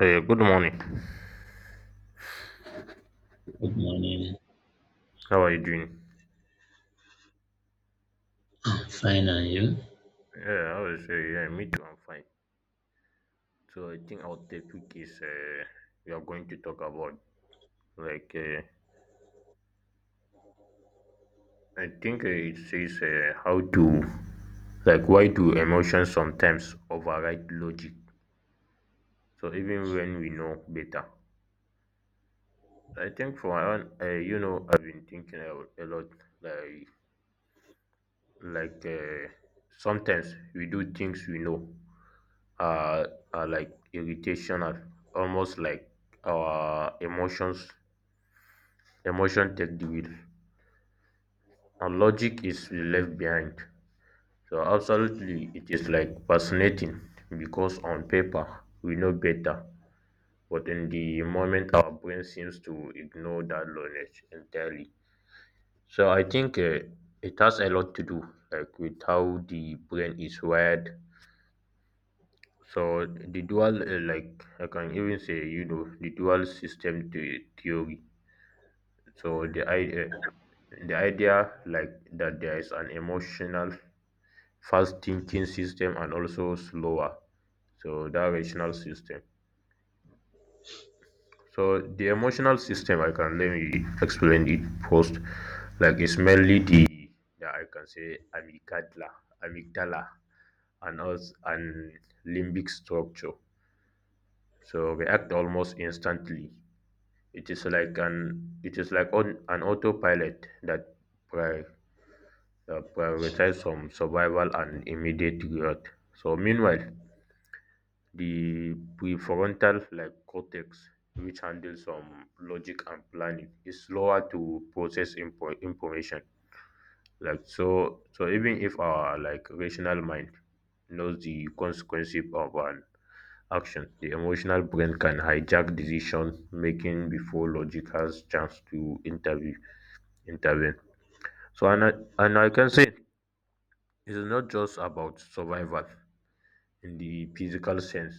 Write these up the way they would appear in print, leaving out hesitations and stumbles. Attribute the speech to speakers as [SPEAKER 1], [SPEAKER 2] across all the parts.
[SPEAKER 1] Hey, good morning.
[SPEAKER 2] Good morning.
[SPEAKER 1] How are you doing?
[SPEAKER 2] I'm fine, and you?
[SPEAKER 1] Yeah, I was yeah, me too. I'm fine. So I think our topic is we are going to talk about like I think it says how to, like, why do emotions sometimes override logic? So even when we know better, I think for one, I've been thinking a lot, like, like sometimes we do things we know are, are like irritational, almost like our emotion take the wheel and logic is left behind. So absolutely it is, like, fascinating, because on paper we know better, but in the moment our brain seems to ignore that knowledge entirely. So I think it has a lot to do, like, with how the brain is wired. So the dual, like I can even say, the dual system theory. So the idea, like, that there is an emotional, fast thinking system and also slower. So that rational system. So the emotional system, I can let me explain it first. Like, it's mainly I can say amygdala, amygdala, and also and limbic structure. So react almost instantly. It is like on an autopilot that pri- prioritizes some survival and immediate growth. So meanwhile, the prefrontal, like, cortex, which handles some logic and planning, is slower to process information. Like, so, so even if our, like, rational mind knows the consequences of an action, the emotional brain can hijack decision making before logic has chance to intervene. So and I can say it's not just about survival in the physical sense.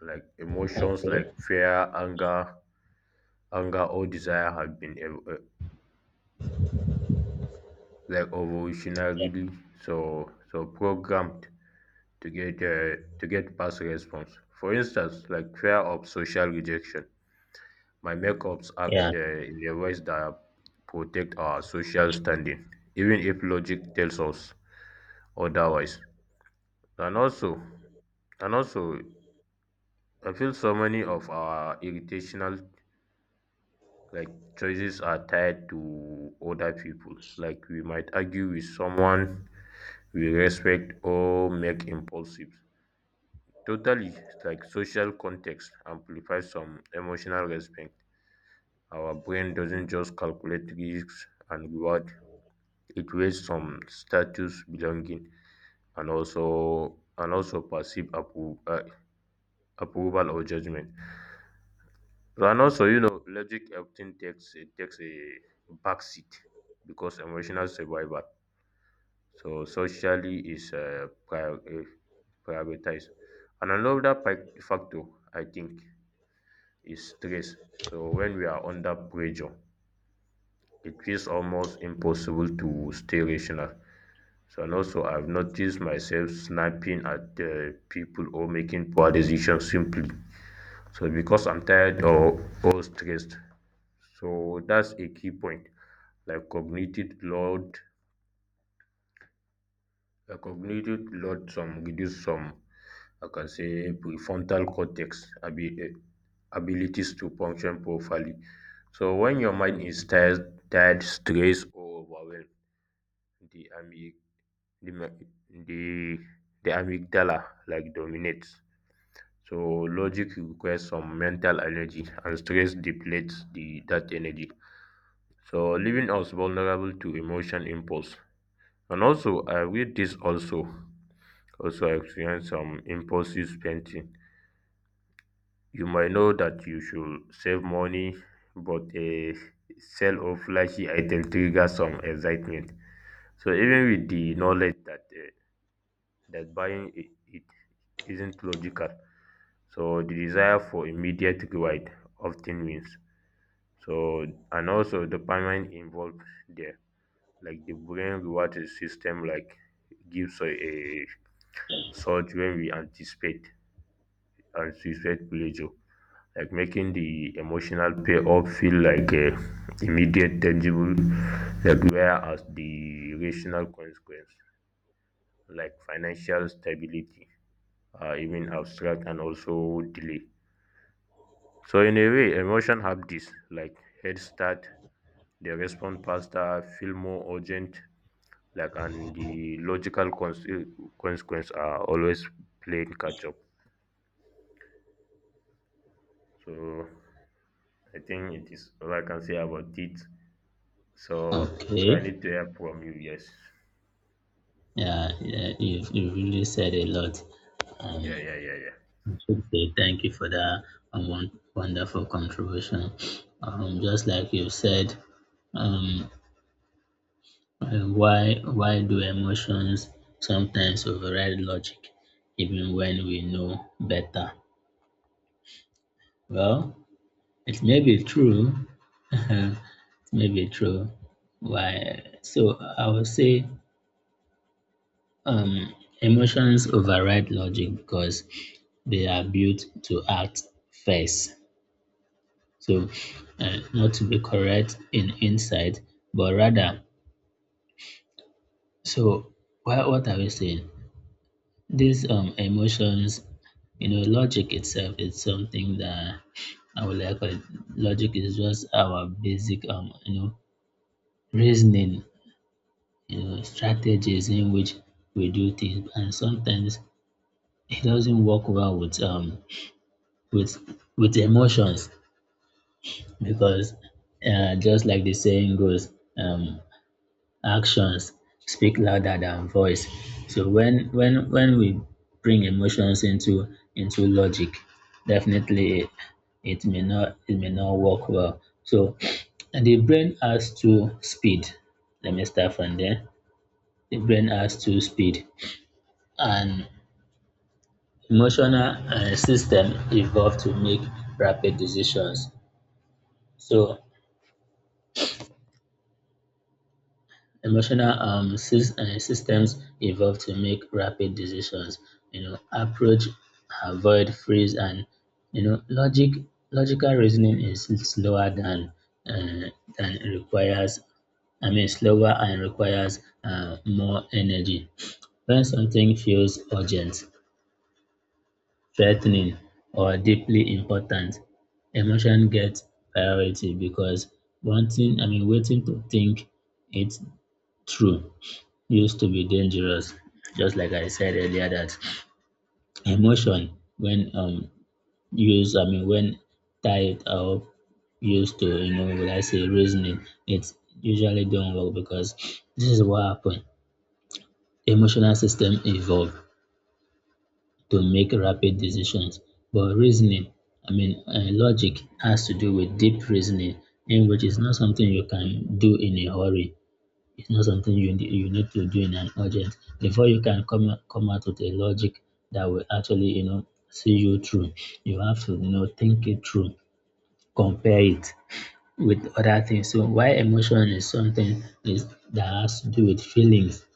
[SPEAKER 1] Like, emotions
[SPEAKER 2] Okay.
[SPEAKER 1] like fear, anger or desire have been like evolutionarily so programmed to get past response. For instance, like, fear of social rejection, my makeups act
[SPEAKER 2] Yeah.
[SPEAKER 1] in the ways that protect our social standing, even if logic tells us otherwise. And also, And also, I feel so many of our irritational, like, choices are tied to other people. Like, we might argue with someone we respect or make impulsive. Totally, like, social context amplifies some emotional response. Our brain doesn't just calculate risks and reward; it weighs some status, belonging, and also perceived approval or judgment. So and also, logic often takes it takes a backseat because emotional survival. So socially is prioritized. And another factor, I think, is stress. So when we are under pressure, it feels almost impossible to stay rational. So and also, I've noticed myself snapping at people or making poor decisions simply. So because I'm tired or stressed. So that's a key point. Like, cognitive load some reduce some, I can say, prefrontal cortex abilities to function properly. So when your mind is tired, stressed, or overwhelmed, the amyg the ma- the the amygdala, like, dominates. So logic requires some mental energy, and stress depletes the that energy. So leaving us vulnerable to emotion impulse. And also, I read this also. Also experience some impulsive spending. You might know that you should save money, but a sale of flashy item triggers some excitement. So even with the knowledge that buying it isn't logical, so the desire for immediate reward often wins. So and also dopamine involved there, like the brain reward system, like, gives a surge when we anticipate pleasure. Like, making the emotional payoff feel like a immediate tangible, like, whereas the rational consequence, like, financial stability, are even abstract and also delay. So in a way emotion have this, like, head start. They respond faster, feel more urgent, like, and the logical consequence are always playing catch up. So I think it is all I can say about it. So I
[SPEAKER 2] Okay.
[SPEAKER 1] need to help from you. Yes.
[SPEAKER 2] Yeah. yeah you really said a lot. Um,
[SPEAKER 1] Yeah. Yeah. Yeah. Yeah.
[SPEAKER 2] I thank you for that wonderful contribution. Just like you said, um, why do emotions sometimes override logic, even when we know better? Well, it may be true. It may be true. Why? So I would say Um, emotions override logic because they are built to act first. So, not to be correct in insight, but rather, so what are we saying? These emotions, you know, logic itself is something that I would like it. Logic is just our basic, you know, reasoning, you know, strategies in which we do things, and sometimes it doesn't work well with with emotions because just like the saying goes, um, actions speak louder than voice. So when we bring emotions into logic, definitely it may not work well. So and the brain has two speed. Let me start from there. The brain has two speed and emotional system evolved to make rapid decisions. So emotional systems evolve to make rapid decisions, you know, approach, avoid, freeze, and you know logic logical reasoning is slower than uh, requires, I mean slower and requires more energy when something feels urgent, threatening, or deeply important. Emotion gets priority because wanting I mean waiting to think it through used to be dangerous. Just like I said earlier, that emotion when used, I mean, when tied up, used to, you know, will I say reasoning, it usually don't work because this is what happened. Emotional system evolved to make rapid decisions, but reasoning, I mean, logic has to do with deep reasoning, in which is not something you can do in a hurry. It's not something you need to do in an urgent before you can come out with a logic that will actually, you know, see you through. You have to, you know, think it through, compare it with other things. So why emotion is something is that has to do with feelings,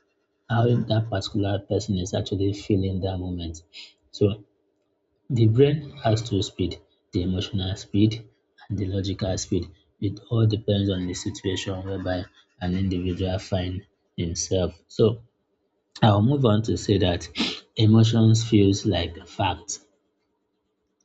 [SPEAKER 2] how that particular person is actually feeling that moment. So the brain has two speed, the emotional speed and the logical speed. It all depends on the situation whereby an individual find himself. So I'll move on to say that emotions feels like fact.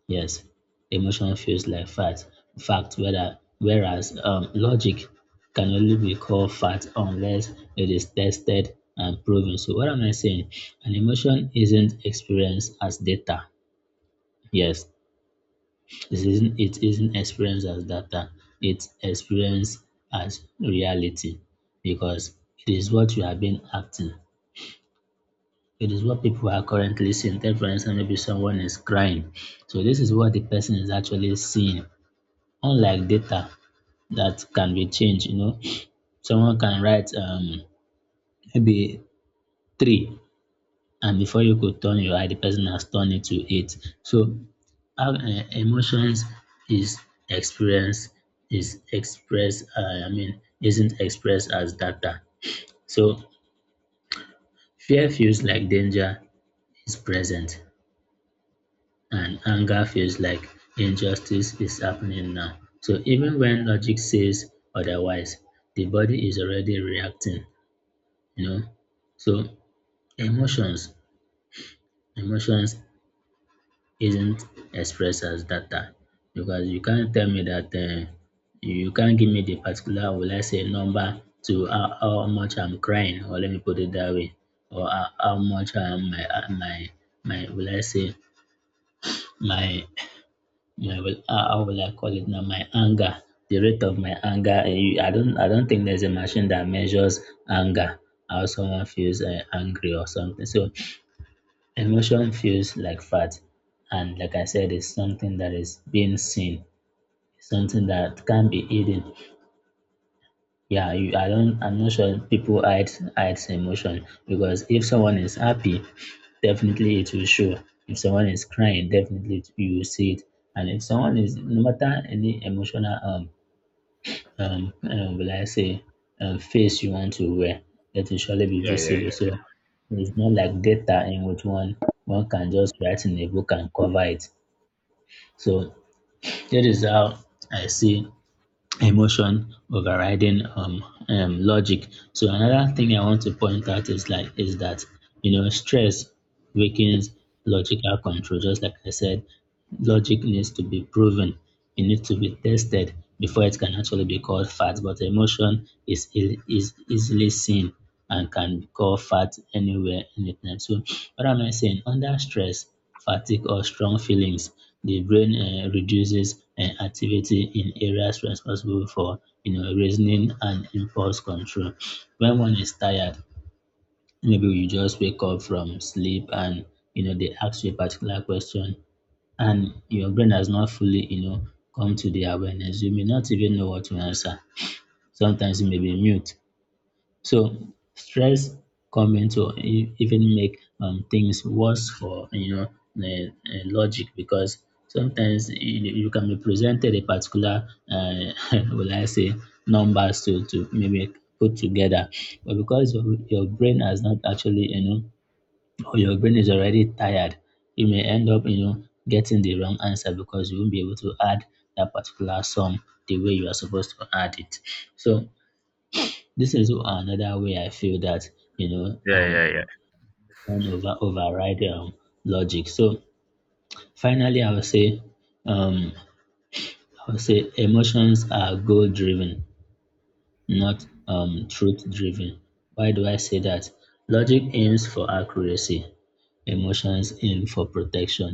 [SPEAKER 2] Yes, emotion feels like fact. Fact whether whereas logic can only be called fact unless it is tested and proven. So what am I saying? An emotion isn't experienced as data. Yes, it isn't experienced as data, it's experienced as reality because it is what you have been acting. It is what people are currently seeing. Take for instance, maybe someone is crying. So this is what the person is actually seeing. Unlike data that can be changed, you know, someone can write maybe three and before you could turn your eye, the person has turned it to hate. So, how emotions is experienced is expressed. I mean, isn't expressed as data. So, fear feels like danger is present, and anger feels like injustice is happening now. So, even when logic says otherwise, the body is already reacting. You know, so emotions, emotions isn't expressed as data because you can't tell me that you can't give me the particular, will I say, number to how much I'm crying, or let me put it that way, or how much I'm my my my will I say my my will how will I call it now my anger, the rate of my anger. I don't think there's a machine that measures anger how someone feels angry or something. So emotion feels like fact, and like I said, it's something that is being seen. It's something that can be hidden. Yeah, I don't. I'm not sure people hide emotion because if someone is happy, definitely it will show. If someone is crying, definitely you will see it. And if someone is, no matter any emotional um, um, will I say, face you want to wear, it will surely be
[SPEAKER 1] Yeah, yeah,
[SPEAKER 2] visible.
[SPEAKER 1] yeah.
[SPEAKER 2] So it's not like data in which one can just write in a book and cover it. So that is how I see emotion overriding logic. So another thing I want to point out is is that you know stress weakens logical control. Just like I said, logic needs to be proven, it needs to be tested before it can actually be called fact. But emotion is is easily seen and can be called fact anywhere, anytime. So what am I saying? Under stress, fatigue, or strong feelings, the brain reduces activity in areas responsible for, you know, reasoning and impulse control. When one is tired, maybe you just wake up from sleep and you know they ask you a particular question and your brain has not fully, you know, come to the awareness. You may not even know what to answer. Sometimes you may be mute. So stress coming to even make things worse for, you know, logic because sometimes you can be presented a particular will I say numbers to maybe put together, but because your brain has not actually, you know, or your brain is already tired, you may end up, you know, getting the wrong answer because you won't be able to add that particular sum the way you are supposed to add it. So this is another way I feel that you know
[SPEAKER 1] Yeah. Yeah. Yeah.
[SPEAKER 2] one over override logic. So finally, um I would say emotions are goal driven, not truth driven. Why do I say that? Logic aims for accuracy, emotions in for protection,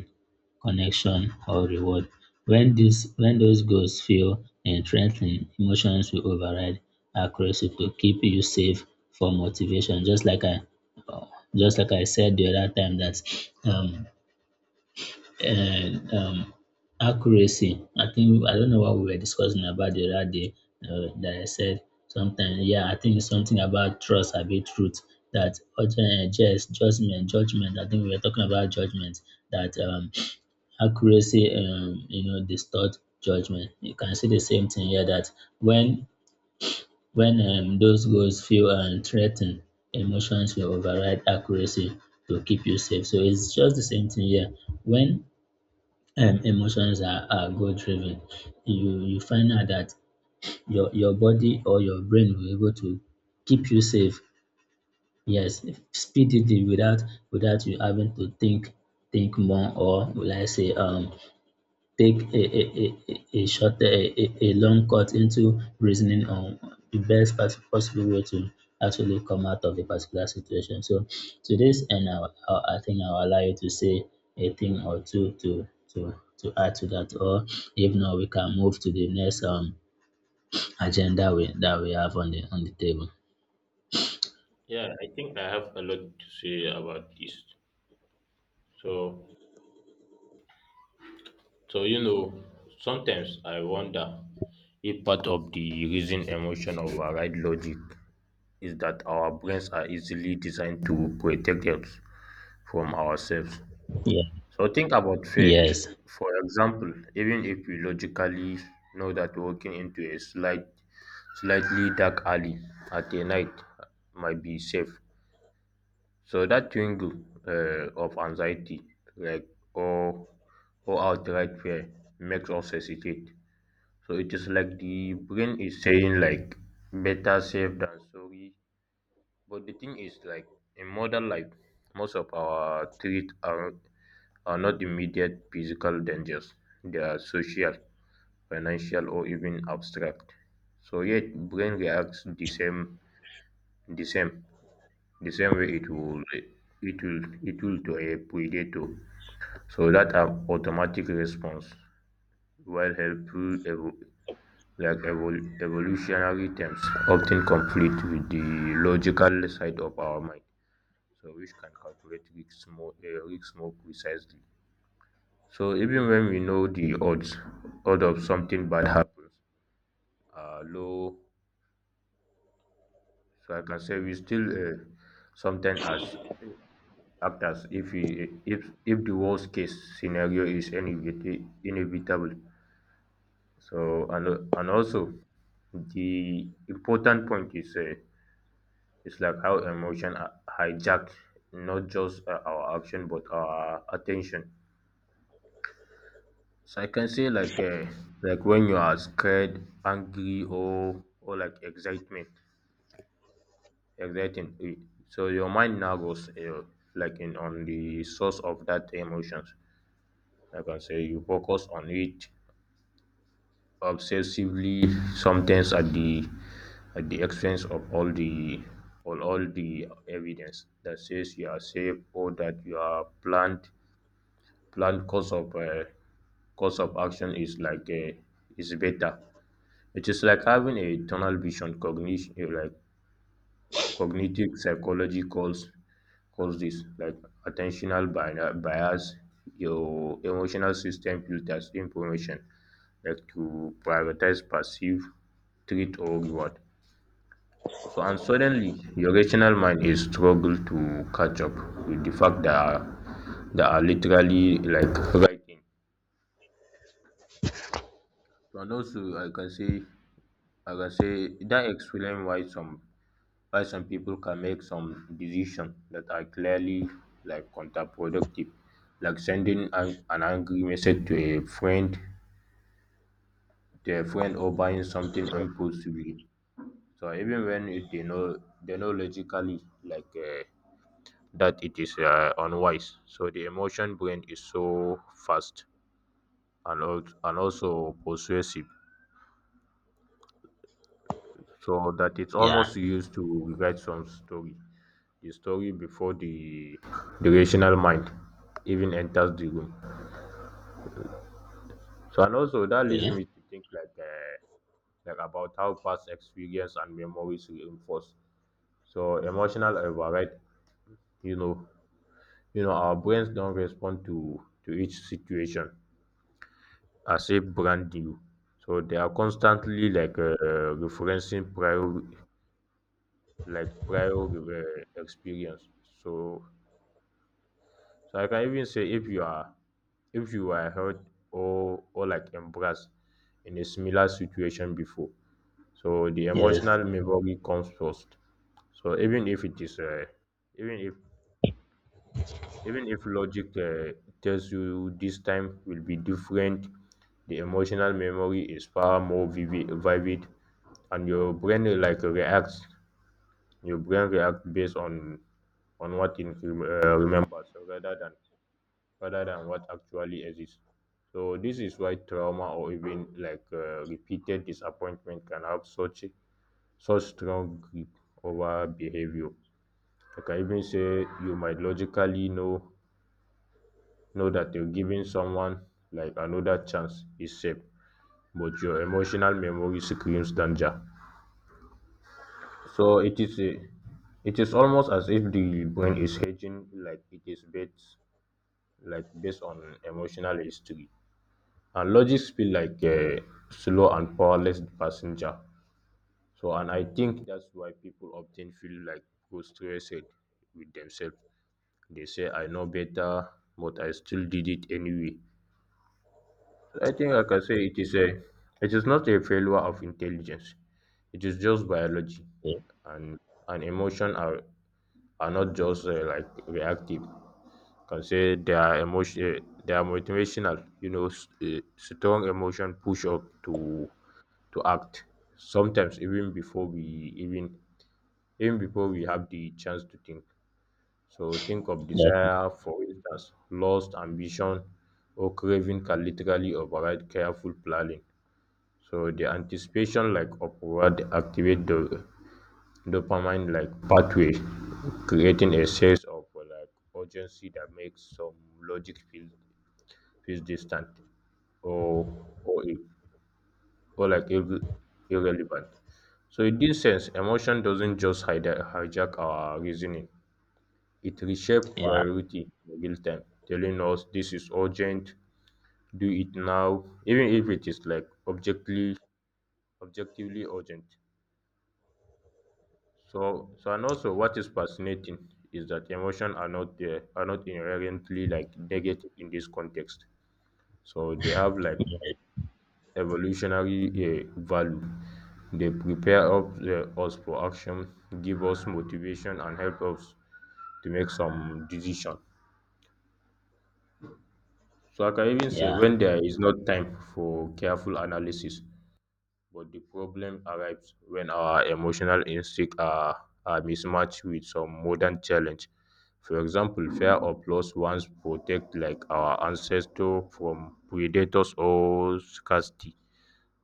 [SPEAKER 2] connection, or reward. When these when those goals feel threatening, emotions will override accuracy to keep you safe for motivation. Uh, just like I said the other time that um and accuracy. I think I don't know what we were discussing about the other day that I said sometimes. Yeah, I think it's something about trust, a bit truth. That judgment. I think we were talking about judgment. That accuracy, you know, distort judgment. You can see the same thing here. That when when those goals feel threatened, emotions will override accuracy to keep you safe. So it's just the same thing here. When are goal driven, you find out that your body or your brain will be able to keep you safe, yes, speedily without without you having to think more or will I say take a short a long cut into reasoning on the best possible way to actually come out of a particular situation. So to this end, I think I'll allow you to say a thing or two to add to that, or if not, we can move to the next agenda that we have on the table.
[SPEAKER 1] Yeah, I think I have a lot to say about this. So, so, sometimes I wonder if part of the reason emotion override logic is that our brains are easily designed to protect us from ourselves.
[SPEAKER 2] Yeah.
[SPEAKER 1] So think about fear.
[SPEAKER 2] Yes.
[SPEAKER 1] For example, even if we logically know that walking into a slightly dark alley at a night might be safe, so that tingle of anxiety, like, or or outright fear, makes us hesitate. So it is like the brain is saying, like, better safe than sorry. But the thing is, like, in modern life, most of our threats are not immediate physical dangers. They are social, financial, or even abstract. So yet, brain reacts the same, the same way it will to a predator. So that an automatic response, while helpful, evolutionary terms, often conflict with the logical side of our mind, so which can calculate risk more precisely. So even when we know the odds of something bad happens are low, so I can say we still sometimes as uh, act as if if the worst case scenario is inevitable. So and also the important point is it's like how emotion are hijack not just our action but our attention. So I can say like, when you are scared, angry, or like exciting. So your mind now goes like, in on the source of that emotions. Like, I can say you focus on it obsessively, sometimes at the expense of all the evidence that says you are safe, or that you are planned course of action is, like, is better. It is like having a tunnel vision cognition, like, cognitive psychology calls this, like, attentional bias. Your emotional system filters information, like, to prioritize perceive treat or reward. So and suddenly your rational mind is struggle to catch up with the fact that are literally, like, writing. So, and also I can say that explain why some people can make some decisions that are clearly, like, counterproductive, like sending an angry message to a friend, or buying something impulsively. So even when they know logically, like, that it is unwise. So the emotion brain is so fast and also persuasive, so that it's
[SPEAKER 2] Yeah.
[SPEAKER 1] almost used to rewrite some story, the story before the rational mind even enters the room. So and also that leads
[SPEAKER 2] Okay.
[SPEAKER 1] me to think, like, about how past experience and memories reinforce. So emotional override, you know, our brains don't respond to each situation as if brand new. So they are constantly, like, referencing prior, experience. So I can even say if you are if you were hurt or, like, embarrassed in a similar situation before. So the
[SPEAKER 2] Yes.
[SPEAKER 1] emotional memory comes first. So even if it is even if even if logic tells you this time will be different. The emotional memory is far more vivid, and your brain like, reacts. Your brain reacts based on what it remembers rather than what actually exists. So this is why trauma or even, like, repeated disappointment can have such strong grip over behavior. Like, I can even say you might logically know that you're giving someone, like, another chance is safe, but your emotional memory screams danger. So it is almost as if the brain is hedging, like, it is based like based on emotional history. And logics feel like a slow and powerless passenger. So, and I think that's why people often feel, like, frustrated with themselves. They say, I know better, but I still did it anyway. So I think, like, I can say it is not a failure of intelligence. It is just biology,
[SPEAKER 2] Yeah.
[SPEAKER 1] and emotion are not just like, reactive. Can say they are they are motivational. You know, strong emotion push up to act sometimes even before we, even even before we have the chance to think. So think of desire, for instance, lust, ambition, or craving can literally override careful planning. So the anticipation, like, upward activate the dopamine, like, pathway, creating a sense of like, urgency that makes some logic feels distant, or or, ir- or irrelevant. So in this sense, emotion doesn't just hijack our reasoning. It reshapes
[SPEAKER 2] Yeah.
[SPEAKER 1] priority in real time, telling us this is urgent, do it now, even if it is, like, objectively urgent. So and also what is fascinating is that emotion are not inherently like negative in this context. So they have like
[SPEAKER 2] Yeah.
[SPEAKER 1] evolutionary value. They prepare up, us for action, give us motivation, and help us to make some decision. So like I can even say
[SPEAKER 2] Yeah.
[SPEAKER 1] when there is not time for careful analysis, but the problem arrives when our emotional instincts are mismatched with some modern challenge. For example, fear of loss once protect like our ancestor from predators or scarcity.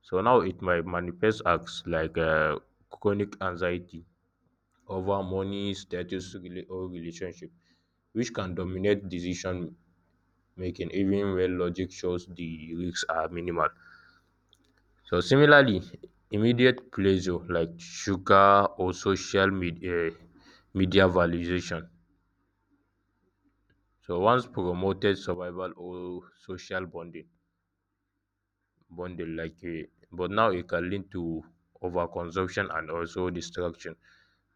[SPEAKER 1] So now it might manifest as like chronic anxiety over money, status, rela- or relationship, which can dominate decision making even when logic shows the risks are minimal. So similarly, immediate pleasure like sugar or social media, media validation. So once promoted survival or social bonding, bonding like, but now it can lead to overconsumption and also distraction.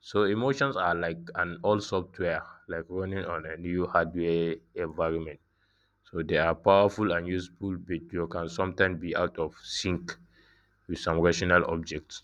[SPEAKER 1] So emotions are like an old software, like running on a new hardware environment. So they are powerful and useful, but you can sometimes be out of sync with some rational objects.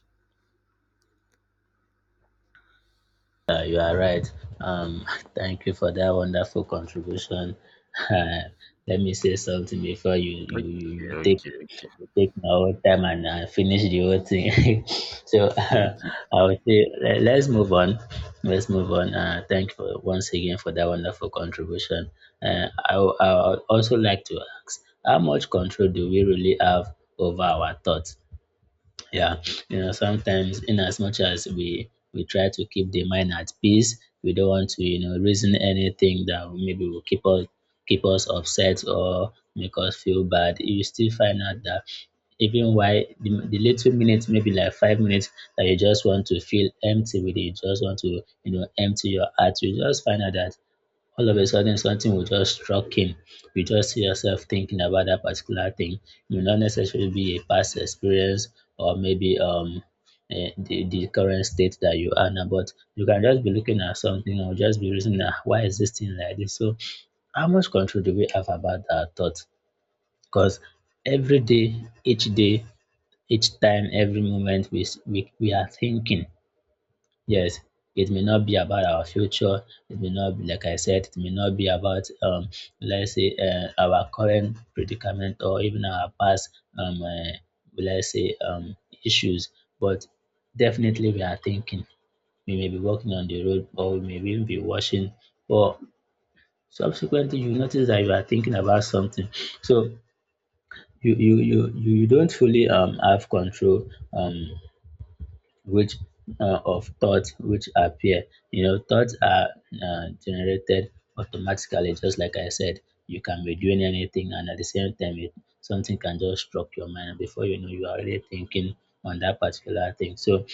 [SPEAKER 2] You are right. Um, thank you for that wonderful contribution. Uh, let me say something before
[SPEAKER 1] Okay, okay, okay,
[SPEAKER 2] you take my whole time and finish the whole thing. So
[SPEAKER 1] okay, okay.
[SPEAKER 2] I would say let's move on. Let's move on. Thank you for, once again, for that wonderful contribution. I would also like to ask, how much control do we really have over our thoughts? Yeah, you know, sometimes in as much as we try to keep the mind at peace, we don't want to, you know, reason anything that maybe will keep us upset or make us feel bad. You still find out that even while the little minutes maybe like 5 minutes that you just want to feel empty with it, you just want to, you know, empty your heart. You just find out that all of a sudden something will just struck him. You just see yourself thinking about that particular thing. It will not necessarily be a past experience or maybe the current state that you are now, but you can just be looking at something or just be reasoning, "Ah, why is this thing like this?" So, how much control do we have about our thoughts? Because every day, each time, every moment, we are thinking. Yes, it may not be about our future. It may not be, like I said, it may not be about, let's say, our current predicament or even our past, um, uh, let's say, issues. But definitely we are thinking. We may be walking on the road or we may even be washing. Or subsequently, you notice that you are thinking about something. So you don't fully have control which of thoughts which appear. You know thoughts are generated automatically. Just like I said, you can be doing anything and at the same time something can just struck your mind and before you know you are already thinking on that particular thing. So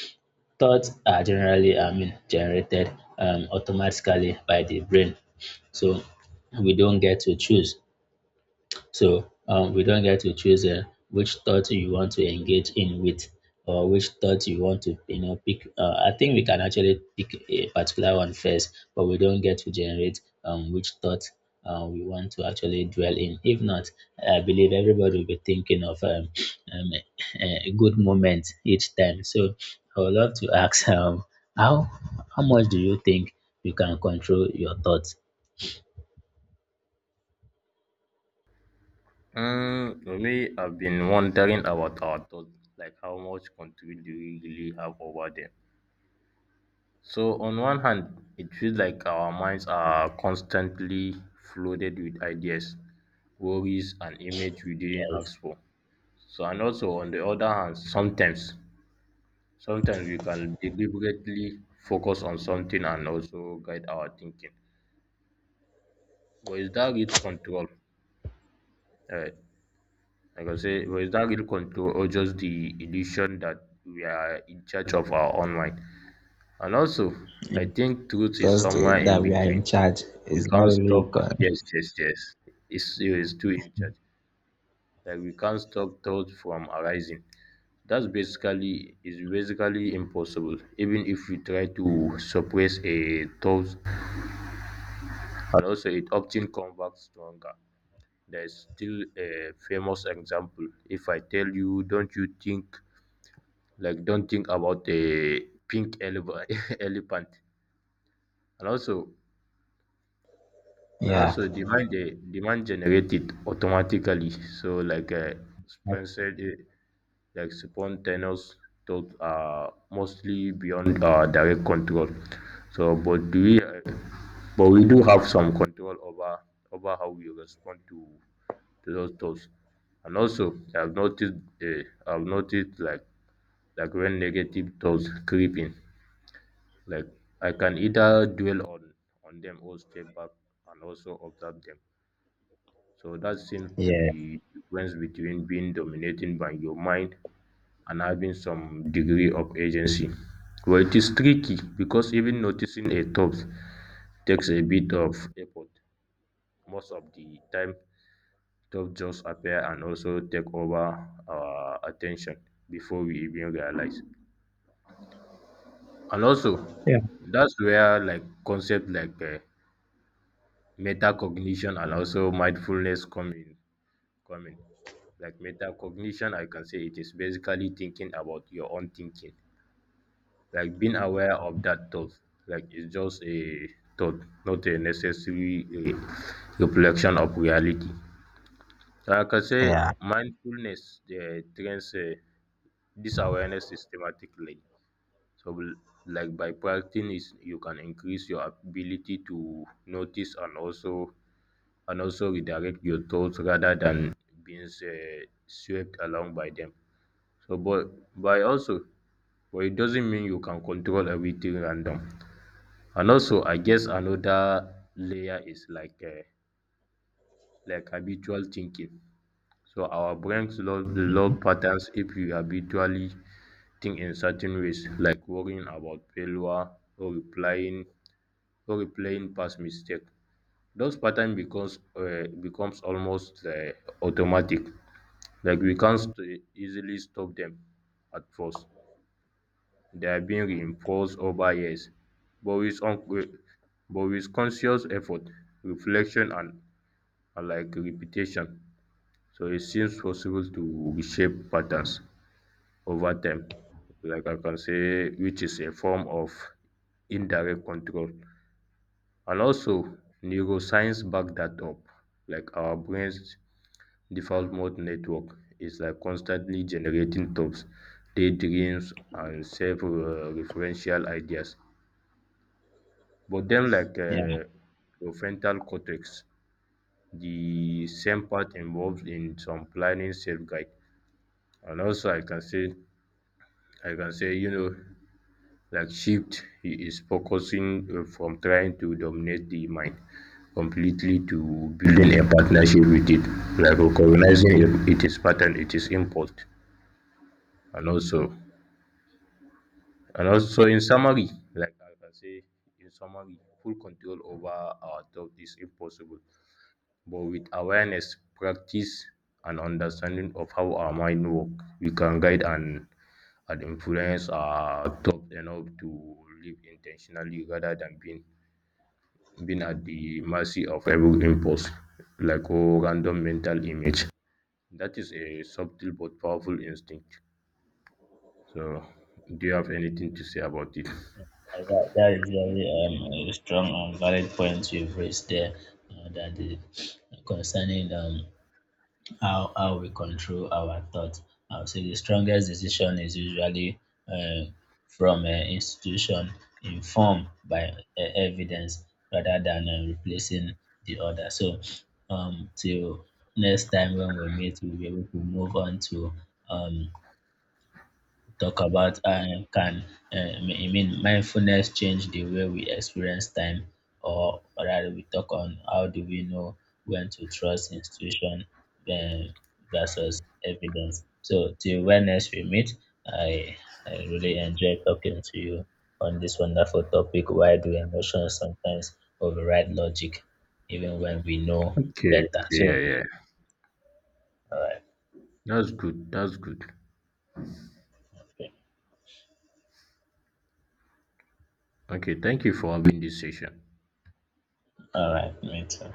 [SPEAKER 2] thoughts are generally, I mean, generated automatically by the brain. So we don't get to choose. So we don't get to choose which thought you want to engage in with or which thought you want to, you know, pick. I think we can actually pick a particular one first, but we don't get to generate which thought we want to actually dwell in. If not, I believe everybody will be thinking of um, a good moment each time. So I would love to ask how how much do you think you can control your thoughts?
[SPEAKER 1] Really, I've been wondering about our thoughts, like how much control do we really have over them? So, on one hand, it feels like our minds are constantly flooded with ideas, worries, and images we didn't
[SPEAKER 2] Yes.
[SPEAKER 1] ask for. So, and also on the other hand, sometimes we can deliberately focus on something and also guide our thinking. But is that real control? Uh, Like I say, was that real control or just the illusion that we are in charge of our own mind? And also, I think truth is somewhere in
[SPEAKER 2] I'm in
[SPEAKER 1] between.
[SPEAKER 2] charge.
[SPEAKER 1] We
[SPEAKER 2] It's not
[SPEAKER 1] can't
[SPEAKER 2] really
[SPEAKER 1] stop,
[SPEAKER 2] con.
[SPEAKER 1] yes, yes, yes. It's too in charge. Like we can't stop thought from arising. That's basically is basically impossible. Even if we try to suppress a thought, and also it often comes back stronger. There's still a famous example. If I tell you, don't you think like don't think about a pink eleva- elephant and also and
[SPEAKER 2] Yeah.
[SPEAKER 1] also demand generated automatically so like sponsored like spontaneous thoughts are mostly beyond direct control. So but do we but we do have some control over over how we respond to those thoughts. And also I've noticed like when negative thoughts creep in, like I can either dwell on them or step back and also observe them. So that seems to
[SPEAKER 2] Yeah,
[SPEAKER 1] be the difference between being dominated by your mind and having some degree of agency. Well, it is tricky because even noticing a thought takes a bit of effort. Most of the time, thoughts just appear and also take over our attention before we even realize. And also, that's where like concept like metacognition and also mindfulness come in like metacognition I can say it is basically thinking about your own thinking, like being aware of that thought, like it's just a thought not a necessary a reflection of reality. So like I can say
[SPEAKER 2] yeah,
[SPEAKER 1] mindfulness the trains this awareness systematically. so l- like by practicing it you can increase your ability to notice and also redirect your thoughts rather than being swept along by them. So, but by also, but it doesn't mean you can control everything random. And also, I guess another layer is like habitual thinking. So our brains log,
[SPEAKER 2] mhm,
[SPEAKER 1] log patterns if we habitually think in certain ways, like worrying about failure or replying or replaying past mistake. Those patterns becomes almost automatic. Like we can't st- easily stop them at first. They are being reinforced over years. But with, un- but with conscious effort, reflection, and like repetition, so it seems possible to reshape patterns over time. Like I can say, which is a form of indirect control. And also, neuroscience back that up. Like our brains default mode network is like constantly generating tabs, daydreams, and self-referential ideas, but then, like
[SPEAKER 2] yeah.
[SPEAKER 1] prefrontal cortex. The same part involved in some planning self-guide. And also, I can say, you know, like shift is focusing from trying to dominate the mind completely to building a partnership with it, like recognizing it, it is pattern, it is impulse, and also. And also, in summary, in summary, full control over our thought is impossible, but with awareness, practice, and understanding of how our mind works, we can guide and influence our thought enough to live intentionally rather than being at the mercy of every impulse, like oh, random mental image. That is a subtle but powerful instinct. So, do you have anything to say about it?
[SPEAKER 2] That is very a strong and valid point you've raised there. That concerning how we control our thoughts, I would say the strongest decision is usually uh, from an institution informed by evidence rather than replacing the other. So, till next time when we meet, we'll be able to move on to um, talk about how can I mean mindfulness change the way we experience time, or rather we talk on how do we know when to trust institution um, versus evidence. So till when next we meet, I I really enjoy talking to you on this wonderful topic. Why do emotions sometimes override logic, even when we know
[SPEAKER 1] Okay.
[SPEAKER 2] better?
[SPEAKER 1] Okay.
[SPEAKER 2] So
[SPEAKER 1] Yeah. Yeah.
[SPEAKER 2] all
[SPEAKER 1] That's good. That's good.
[SPEAKER 2] right,
[SPEAKER 1] Okay. Thank you for having this session.
[SPEAKER 2] all right, me too.